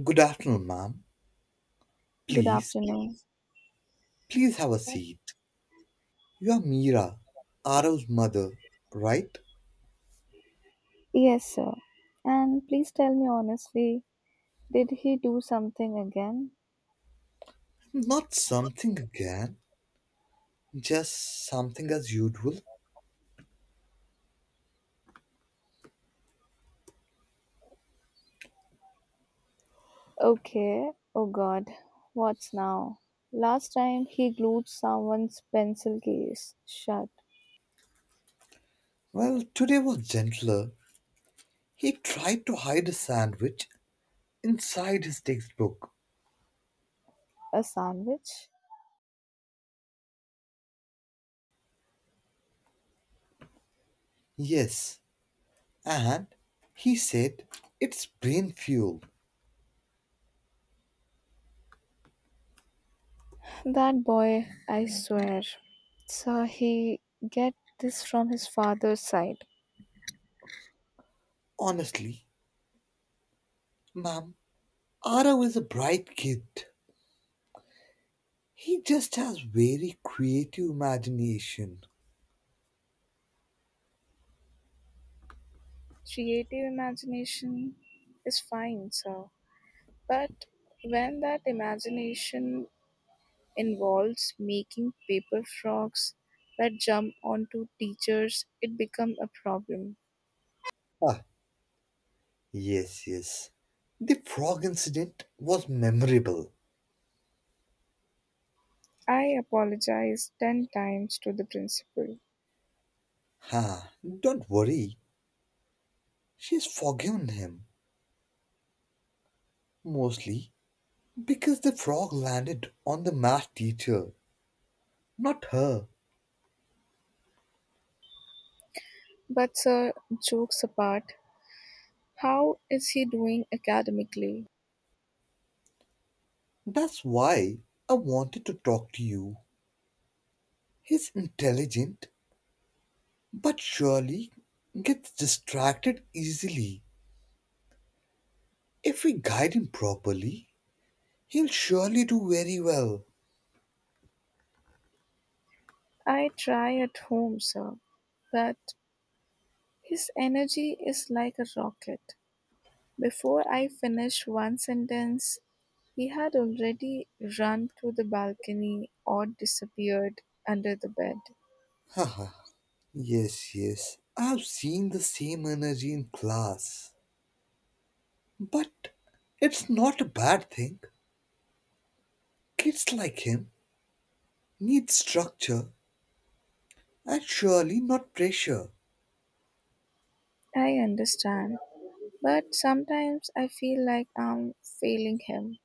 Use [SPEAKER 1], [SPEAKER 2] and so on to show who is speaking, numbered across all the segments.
[SPEAKER 1] Good afternoon, ma'am.
[SPEAKER 2] Good
[SPEAKER 1] Please,
[SPEAKER 2] afternoon.
[SPEAKER 1] please have a seat. You are Mira, Arav's mother, right?
[SPEAKER 2] Yes, sir. And please tell me honestly, did he do something again?
[SPEAKER 1] Not something again, just something as usual.
[SPEAKER 2] Okay. Oh God. What's now? Last time he glued someone's pencil case shut.
[SPEAKER 1] Well, today was gentler. He tried to hide a sandwich inside his textbook.
[SPEAKER 2] A sandwich?
[SPEAKER 1] Yes, and he said it's brain fuel.
[SPEAKER 2] That boy, I swear. So he get this from his father's side.
[SPEAKER 1] Honestly, ma'am, Arav is a bright kid. He just has very creative imagination.
[SPEAKER 2] Creative imagination is fine, sir. But when that imagination involves making paper frogs that jump onto teachers, it becomes a problem.
[SPEAKER 1] Yes, yes. The frog incident was memorable.
[SPEAKER 2] I apologize 10 times to the principal.
[SPEAKER 1] Ha, don't worry. She's forgiven him. Mostly because the frog landed on the math teacher, not her.
[SPEAKER 2] But, sir, jokes apart, how is he doing academically?
[SPEAKER 1] That's why I wanted to talk to you. He's intelligent, but surely gets distracted easily. If we guide him properly, he'll surely do very well.
[SPEAKER 2] I try at home, sir, but his energy is like a rocket. Before I finish one sentence, he had already run to the balcony or disappeared under the bed.
[SPEAKER 1] Haha. Yes, yes. I've seen the same energy in class. But it's not a bad thing. Kids like him need structure and surely not pressure.
[SPEAKER 2] I understand, but sometimes I feel like I'm failing him.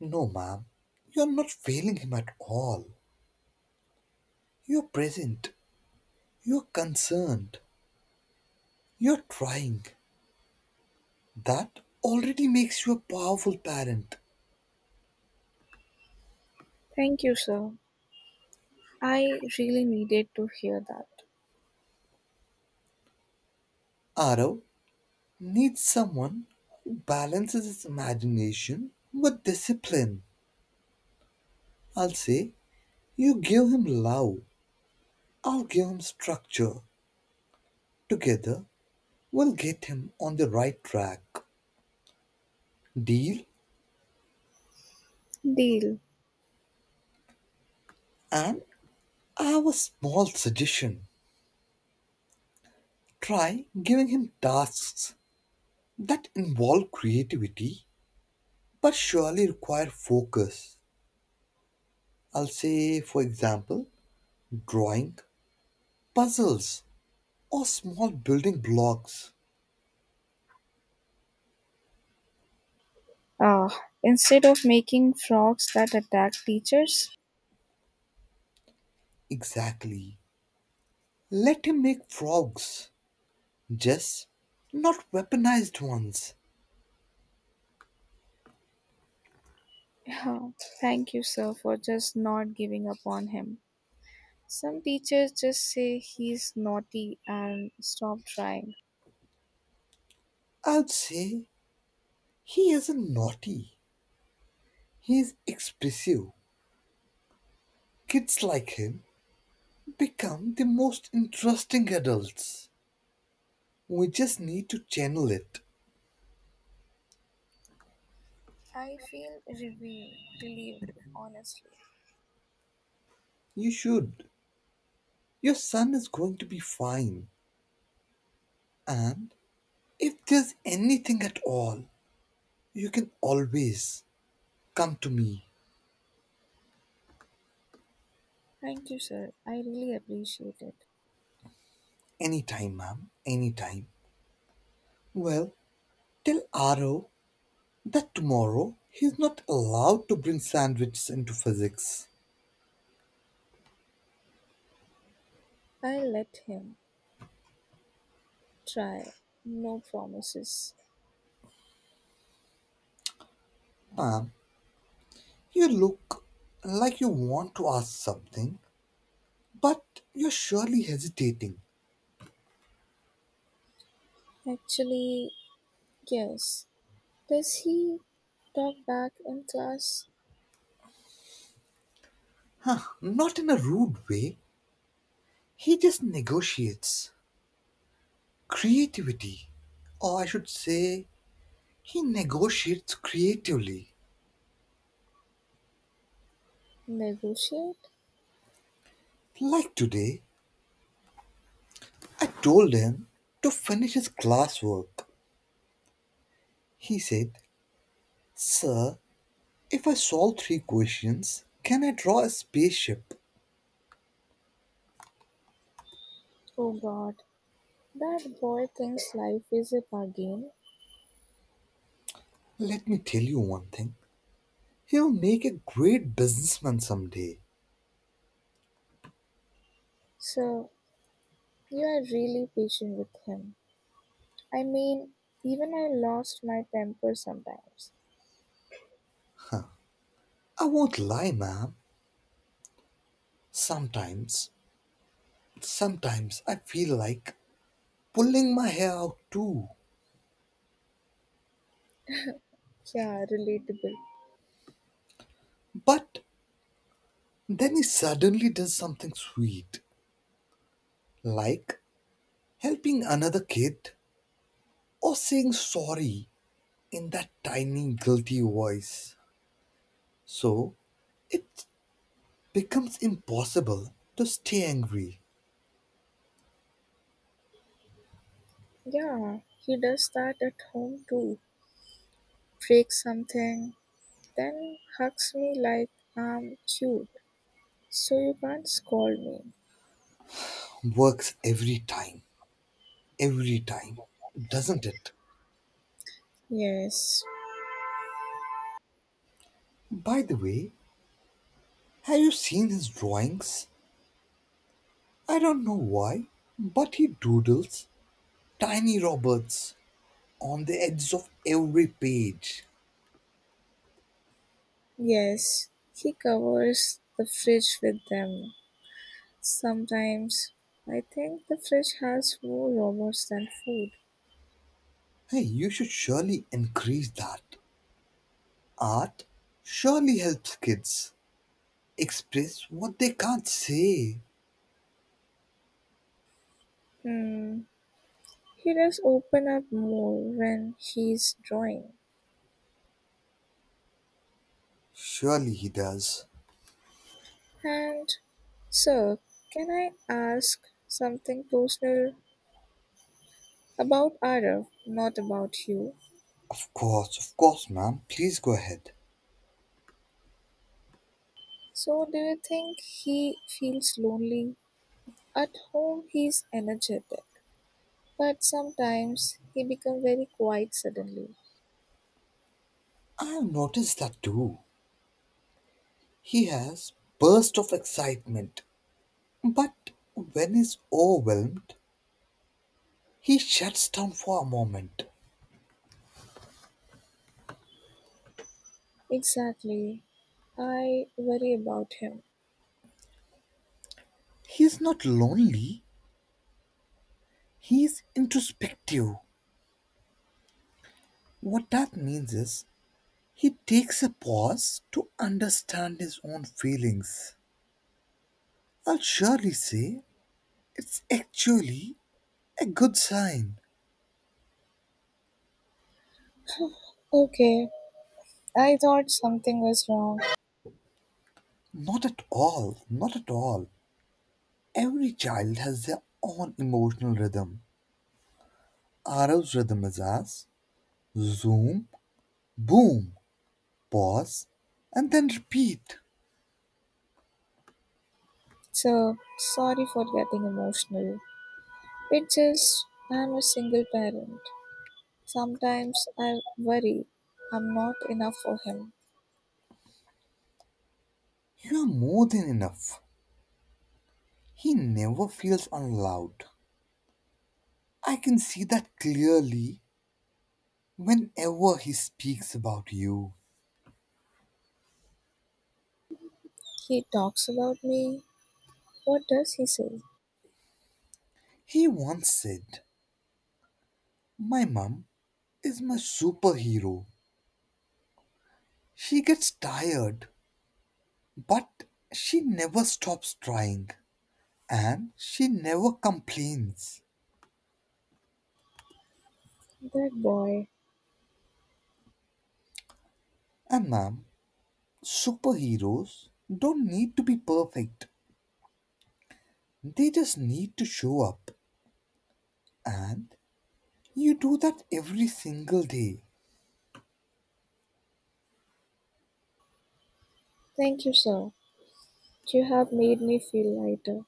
[SPEAKER 1] No, ma'am, you're not failing him at all. You're present, you're concerned, you're trying. That already makes you a powerful parent.
[SPEAKER 2] Thank you, sir. I really needed to hear that.
[SPEAKER 1] Arav needs someone who balances his imagination with discipline. I'll say, you give him love, I'll give him structure. Together, we'll get him on the right track. Deal?
[SPEAKER 2] Deal.
[SPEAKER 1] And I have a small suggestion. Try giving him tasks that involve creativity but surely require focus. I'll say, for example, drawing, puzzles, or small building blocks.
[SPEAKER 2] Ah, instead of making frogs that attack teachers?
[SPEAKER 1] Exactly. Let him make frogs, just not weaponized ones.
[SPEAKER 2] Yeah. Thank you, sir, for just not giving up on him. Some teachers just say he's naughty and stop trying.
[SPEAKER 1] I'd say he isn't naughty, he's expressive. Kids like him become the most interesting adults. We just need to channel it.
[SPEAKER 2] I feel relieved, honestly.
[SPEAKER 1] You should. Your son is going to be fine. And if there's anything at all, you can always come to me
[SPEAKER 2] Thank you, sir. I really appreciate it.
[SPEAKER 1] anytime, ma'am. Anytime. Well, tell Aro that tomorrow he's not allowed to bring sandwiches into physics.
[SPEAKER 2] I'll let him try. No promises.
[SPEAKER 1] Ma'am, you look like you want to ask something, but you're surely hesitating.
[SPEAKER 2] Actually, yes. Does he talk back in class?
[SPEAKER 1] Huh, not in a rude way. He just negotiates creativity. Or I should say, he negotiates creatively.
[SPEAKER 2] Negotiate?
[SPEAKER 1] Like today, I told him to finish his classwork. He said, sir, if I solve three questions, can I draw a spaceship?
[SPEAKER 2] Oh god, that boy thinks life is a bargain.
[SPEAKER 1] Let me tell you one thing. He'll make a great businessman someday.
[SPEAKER 2] So, you are really patient with him. I mean, even I lost my temper sometimes.
[SPEAKER 1] I won't lie, ma'am. Sometimes, sometimes I feel like pulling my hair out too.
[SPEAKER 2] Yeah, relatable.
[SPEAKER 1] But then he suddenly does something sweet, like helping another kid or saying sorry in that tiny, guilty voice. So it becomes impossible to stay angry.
[SPEAKER 2] Yeah, he does that at home too. Breaks something, then hugs me like I'm cute, so you can't scold me.
[SPEAKER 1] Works every time, doesn't it?
[SPEAKER 2] Yes,
[SPEAKER 1] By the way, have you seen his drawings? I don't know why, but he doodles tiny robots on the edges of every page.
[SPEAKER 2] yes, he covers the fridge with them. Sometimes I think the fridge has more robots than food.
[SPEAKER 1] Hey, you should surely increase that. Art surely helps kids express what they can't say.
[SPEAKER 2] Hmm, he does open up more when he's drawing.
[SPEAKER 1] Surely he does.
[SPEAKER 2] And, sir, can I ask something personal? About Arif, not about you.
[SPEAKER 1] Of course, ma'am. Please go ahead.
[SPEAKER 2] So, do you think he feels lonely? At home, he's energetic, but sometimes he becomes very quiet suddenly.
[SPEAKER 1] I've noticed that too. He has burst of excitement, but when he's overwhelmed, he shuts down for a moment.
[SPEAKER 2] Exactly. I worry about him.
[SPEAKER 1] He's not lonely. He's introspective. What that means is he takes a pause to understand his own feelings. I'll surely say it's actually a good sign.
[SPEAKER 2] Okay, I thought something was wrong.
[SPEAKER 1] Not at all, not at all. Every child has their own emotional rhythm. Arav's rhythm is as zoom, boom, pause, and then repeat.
[SPEAKER 2] So, sorry for getting emotional. It's just I'm a single parent. Sometimes I worry I'm not enough for him.
[SPEAKER 1] You are more than enough. He never feels unloved. I can see that clearly whenever he speaks about you.
[SPEAKER 2] He talks about me. What does he say?
[SPEAKER 1] He once said, my mum is my superhero. She gets tired, but she never stops trying and she never complains.
[SPEAKER 2] That boy.
[SPEAKER 1] And ma'am, superheroes don't need to be perfect. They just need to show up. And you do that every single day.
[SPEAKER 2] Thank you, sir. You have made me feel lighter.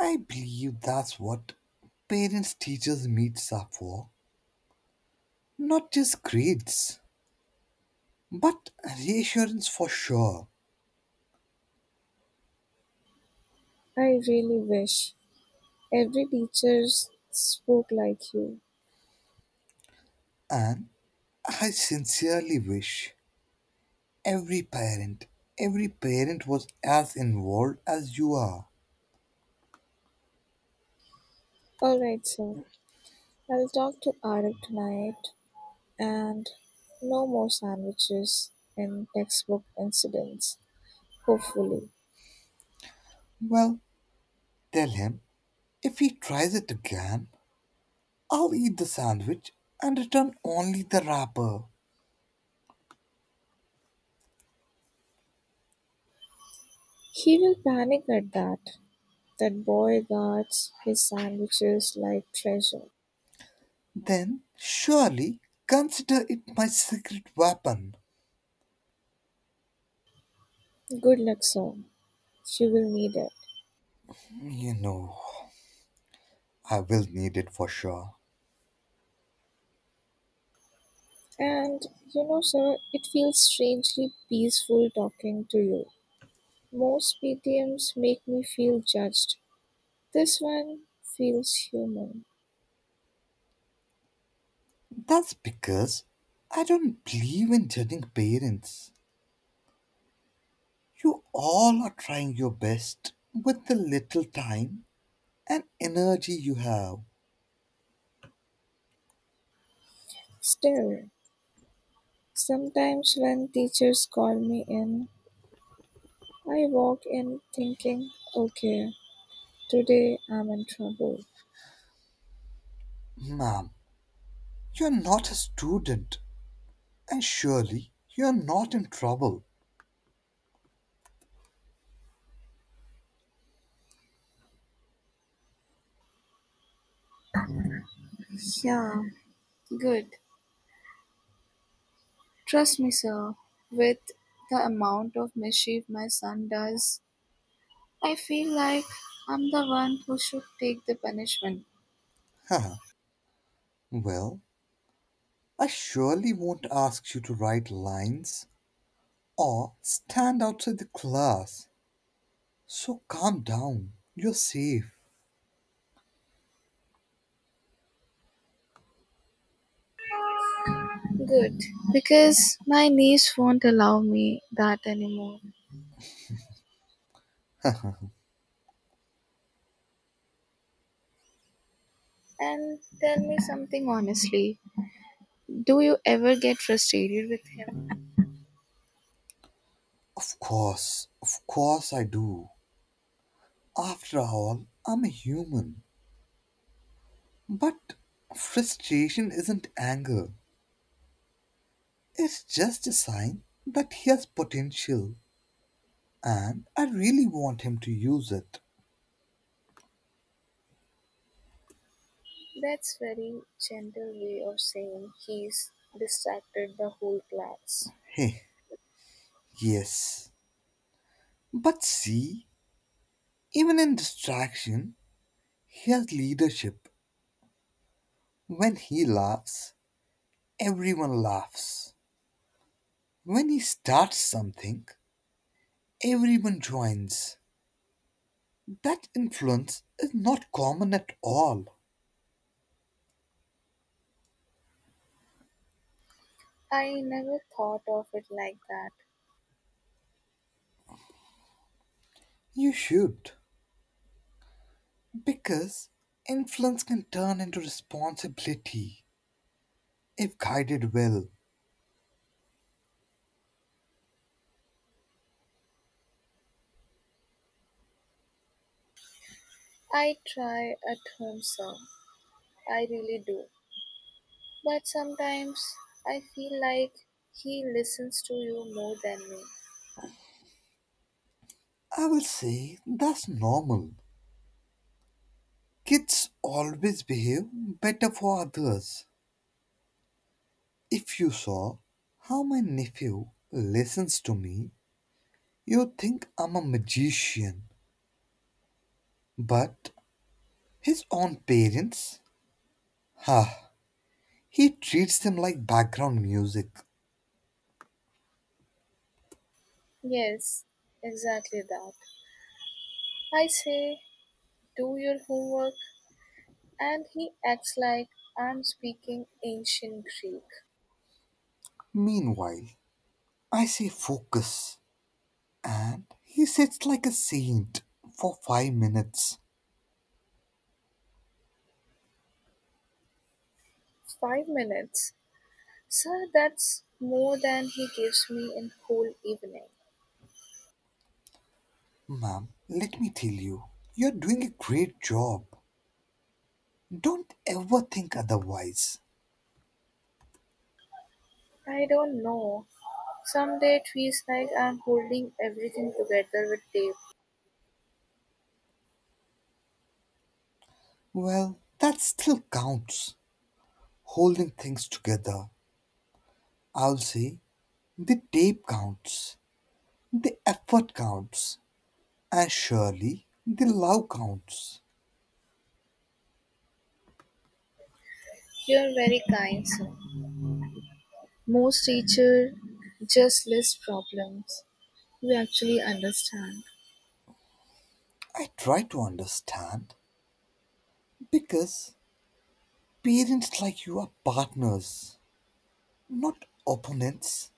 [SPEAKER 1] I believe that's what parents teachers meets up for. Not just grades, but reassurance for sure.
[SPEAKER 2] I really wish every teacher spoke like you.
[SPEAKER 1] And I sincerely wish every parent, every parent was as involved as you are.
[SPEAKER 2] All right, sir. I'll talk to Arik tonight and no more sandwiches and textbook incidents. Hopefully.
[SPEAKER 1] Well, tell him if he tries it again, I'll eat the sandwich and return only the wrapper.
[SPEAKER 2] He will panic at that. That boy guards his sandwiches like treasure.
[SPEAKER 1] Then surely consider it my secret weapon.
[SPEAKER 2] Good luck, sir. You will need it.
[SPEAKER 1] You know, I will need it for sure.
[SPEAKER 2] And you know, sir, it feels strangely peaceful talking to you. Most PTMs make me feel judged. This one feels human.
[SPEAKER 1] That's because I don't believe in judging parents. You all are trying your best with the little time and energy you have.
[SPEAKER 2] Still, sometimes when teachers call me in, I walk in thinking, okay, today I'm in trouble.
[SPEAKER 1] Ma'am, you're not a student, and surely you're not in trouble.
[SPEAKER 2] Yeah, good. Trust me, sir, with the amount of mischief my son does, I feel like I'm the one who should take the punishment.
[SPEAKER 1] Haha. Well, I surely won't ask you to write lines or stand outside the class. So calm down, you're safe.
[SPEAKER 2] Good, because my niece won't allow me that anymore. And tell me something honestly. Do you ever get frustrated with him?
[SPEAKER 1] Of course I do. After all, I'm a human. But frustration isn't anger, it's just a sign that he has potential and I really want him to use it.
[SPEAKER 2] That's very gentle way of saying he's distracted the whole class.
[SPEAKER 1] Hey, yes. But see, even in distraction, he has leadership. When he laughs, everyone laughs. When he starts something, everyone joins. That influence is not common at all.
[SPEAKER 2] I never thought of it like that.
[SPEAKER 1] You should, because influence can turn into responsibility if guided well.
[SPEAKER 2] I try at home some. I really do. But sometimes I feel like he listens to you more than me.
[SPEAKER 1] I will say that's normal. Kids always behave better for others. If you saw how my nephew listens to me, you'd think I'm a magician. But his own parents, ha, he treats them like background music.
[SPEAKER 2] Yes, exactly that. I say do your homework. And he acts like I'm speaking ancient Greek.
[SPEAKER 1] Meanwhile, I say focus, and he sits like a saint for 5 minutes.
[SPEAKER 2] 5 minutes. Sir, that's more than he gives me in whole evening.
[SPEAKER 1] Ma'am, let me tell you, you're doing a great job. Don't ever think otherwise.
[SPEAKER 2] I don't know. Someday it feels like I'm holding everything together with tape.
[SPEAKER 1] Well, that still counts. Holding things together. I'll say the tape counts, the effort counts, and surely the love counts.
[SPEAKER 2] You're very kind, sir. Most teachers just list problems we actually understand.
[SPEAKER 1] I try to understand because parents like you are partners, not opponents.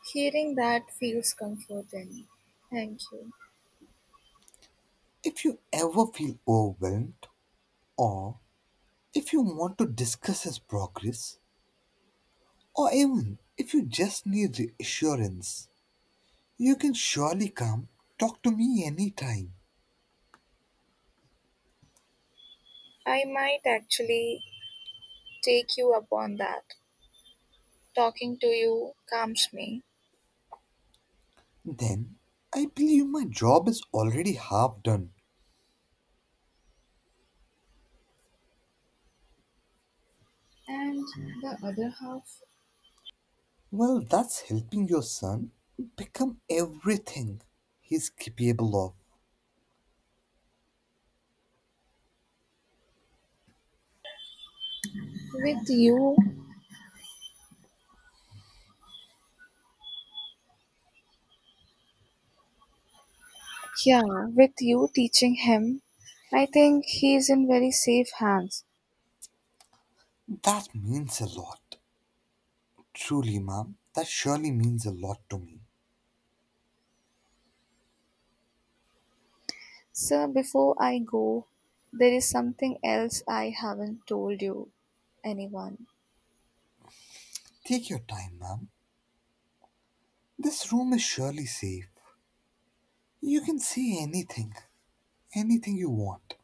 [SPEAKER 2] Hearing that feels comforting. Thank you.
[SPEAKER 1] If you ever feel overwhelmed, or if you want to discuss his progress, or even if you just need reassurance, you can surely come talk to me anytime.
[SPEAKER 2] I might actually take you up on that. Talking to you calms me.
[SPEAKER 1] Then I believe my job is already half done.
[SPEAKER 2] And the other half,
[SPEAKER 1] Well, that's helping your son become everything he's capable of.
[SPEAKER 2] with you, yeah, with you teaching him, I think he is in very safe hands.
[SPEAKER 1] That means a lot. Truly, ma'am, that surely means a lot to me.
[SPEAKER 2] Sir, before I go, there is something else I haven't told you, anyone.
[SPEAKER 1] Take your time, ma'am. This room is surely safe. You can say anything, anything you want.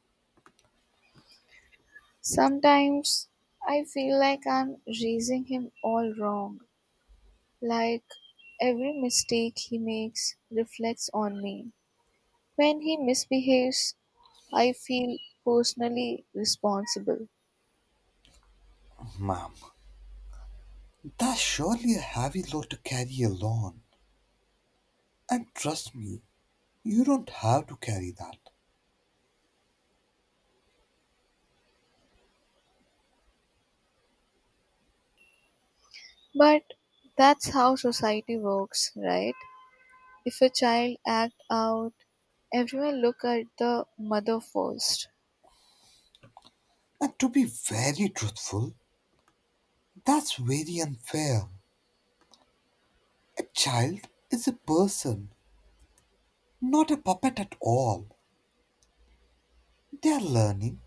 [SPEAKER 2] Sometimes I feel like I'm raising him all wrong, like every mistake he makes reflects on me. When he misbehaves, I feel personally responsible.
[SPEAKER 1] Ma'am, that's surely a heavy load to carry alone. And trust me, you don't have to carry that.
[SPEAKER 2] But that's how society works, right? If a child act out, everyone look at the mother first.
[SPEAKER 1] And to be very truthful, that's very unfair. A child is a person, not a puppet at all. They are learning,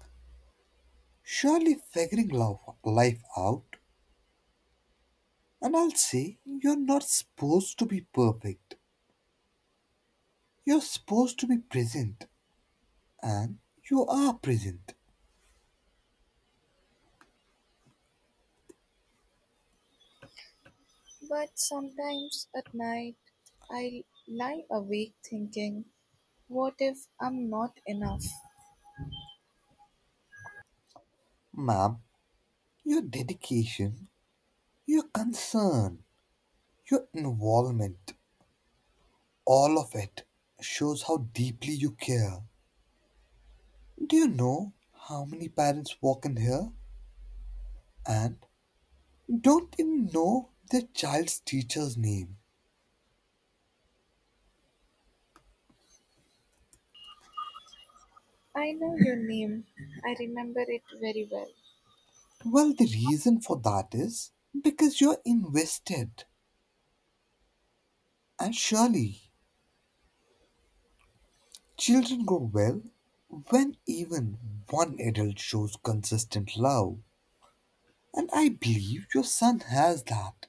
[SPEAKER 1] surely life out. And I'll say, you're not supposed to be perfect. You're supposed to be present, and you are present.
[SPEAKER 2] But sometimes at night, I lie awake thinking, what if I'm not enough?
[SPEAKER 1] Ma'am, your dedication, your concern, your involvement, all of it shows how deeply you care. Do you know how many parents walk in here? And don't even know the child's teacher's name.
[SPEAKER 2] I know your name. I remember it very well.
[SPEAKER 1] Well, the reason for that is because you're invested. And surely, children grow well when even one adult shows consistent love. And I believe your son has that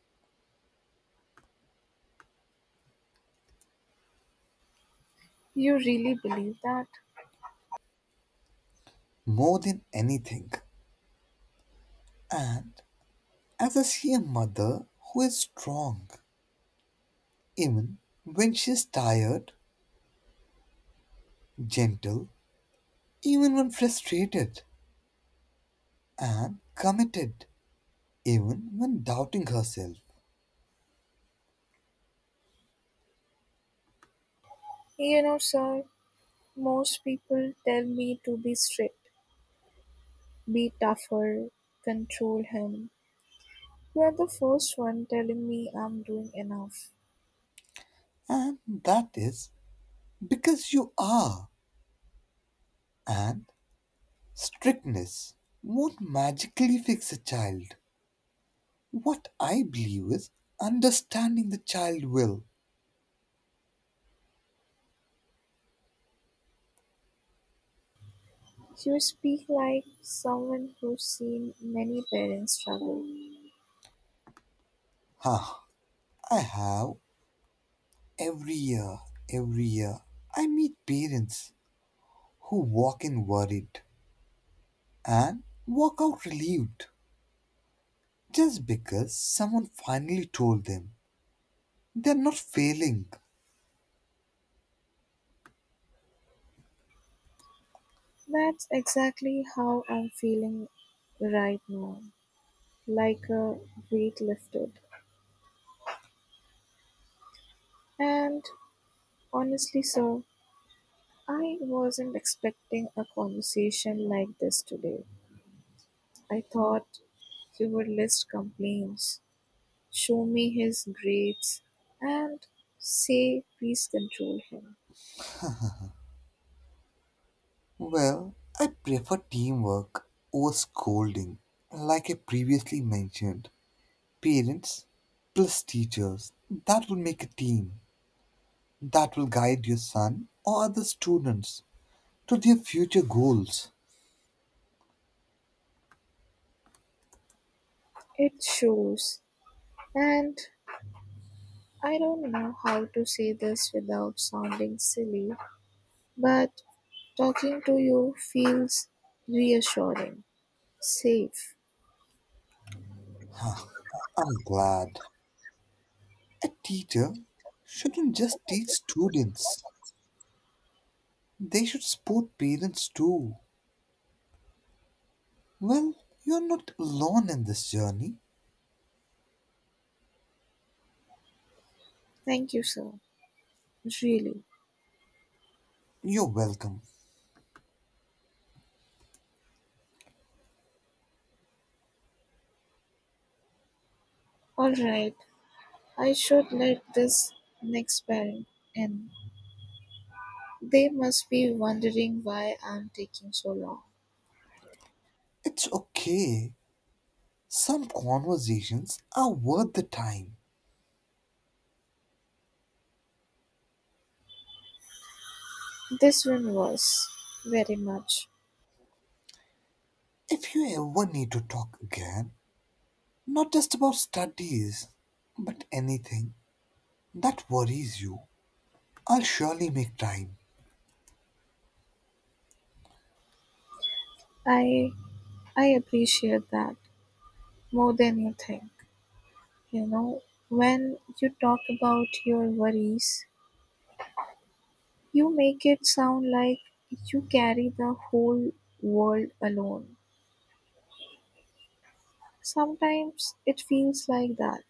[SPEAKER 2] You really believe that?
[SPEAKER 1] more than anything. And as I see a mother who is strong, even when she is tired, gentle, even when frustrated, and committed even when doubting herself.
[SPEAKER 2] You know, sir, most people tell me to be strict, be tougher, control him. You're the first one telling me I'm doing enough.
[SPEAKER 1] And that is because you are. And strictness won't magically fix a child. What I believe is understanding the child will.
[SPEAKER 2] You speak like someone who's seen many parents struggle.
[SPEAKER 1] Huh. I have every year, every year, I meet parents who walk in worried and walk out relieved just because someone finally told them they're not failing.
[SPEAKER 2] That's exactly how I'm feeling right now, like a weight lifted. And honestly, sir, I wasn't expecting a conversation like this today. I thought he would list complaints, show me his grades, and say, please control him.
[SPEAKER 1] Well, I prefer teamwork over scolding. Like I previously mentioned, parents plus teachers, that will make a team that will guide your son or other students to their future goals.
[SPEAKER 2] It shows. And I don't know how to say this without sounding silly, but talking to you feels reassuring, safe.
[SPEAKER 1] I'm glad. A teacher shouldn't just teach students, they should support parents too. Well, you're not alone in this journey.
[SPEAKER 2] Thank you, sir. Really.
[SPEAKER 1] You're welcome.
[SPEAKER 2] All right. I should let this next parent in. They must be wondering why I'm taking so long.
[SPEAKER 1] It's okay. Some conversations are worth the time.
[SPEAKER 2] This one was very much.
[SPEAKER 1] If you ever need to talk again, not just about studies, but anything that worries you, I'll surely make time.
[SPEAKER 2] I I appreciate that more than you think. You know, when you talk about your worries, you make it sound like you carry the whole world alone. Sometimes it feels like that.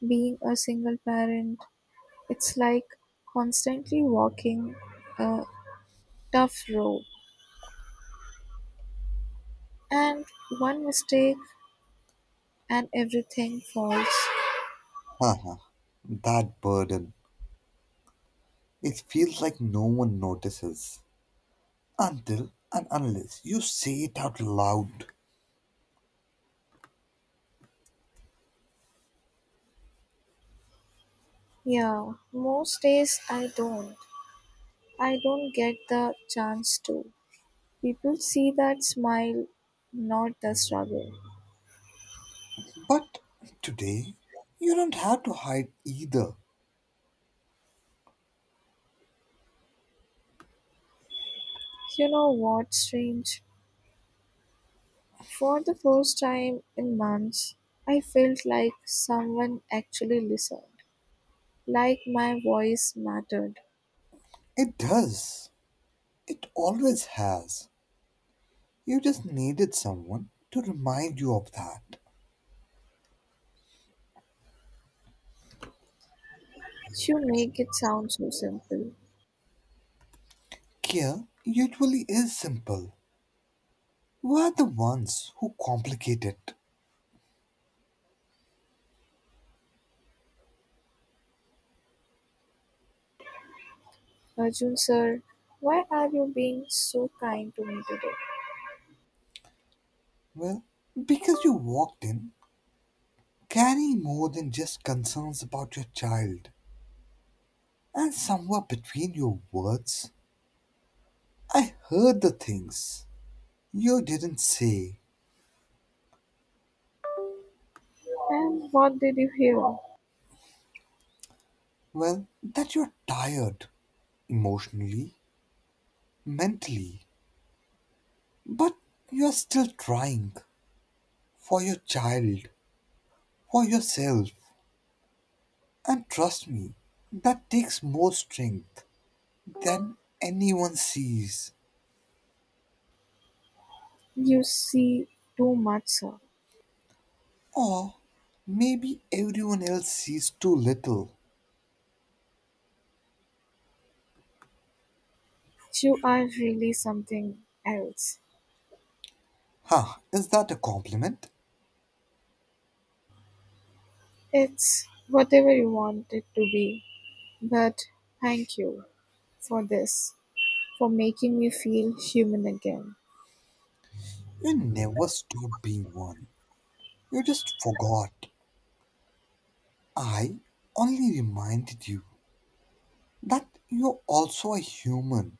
[SPEAKER 2] Being a single parent, it's like constantly walking a tough road. And one mistake and everything falls.
[SPEAKER 1] Haha, that burden. It feels like no one notices until and unless you say it out loud.
[SPEAKER 2] Yeah, most days I don't. I don't get the chance to. People see that smile, not the struggle.
[SPEAKER 1] But today, you don't have to hide either.
[SPEAKER 2] You know what's strange? For the first time in months, I felt like someone actually listened, like my voice mattered.
[SPEAKER 1] It does. It always has. You just needed someone to remind you of that.
[SPEAKER 2] You make it sound so simple.
[SPEAKER 1] Care usually is simple. We're the ones who complicate it.
[SPEAKER 2] Arjun sir, why are you being so kind to me today?
[SPEAKER 1] Well, because you walked in carrying more than just concerns about your child. And somewhere between your words, I heard the things you didn't say.
[SPEAKER 2] And what did you hear?
[SPEAKER 1] Well, that you're tired emotionally, mentally, but you're still trying for your child, for yourself. And trust me, that takes more strength than anyone sees.
[SPEAKER 2] You see too much, sir.
[SPEAKER 1] Or maybe everyone else sees too little.
[SPEAKER 2] You are really something else.
[SPEAKER 1] Huh, is that a compliment?
[SPEAKER 2] It's whatever you want it to be. But thank you for this, for making me feel human again.
[SPEAKER 1] You never stopped being one. You just forgot. I only reminded you that you're also a human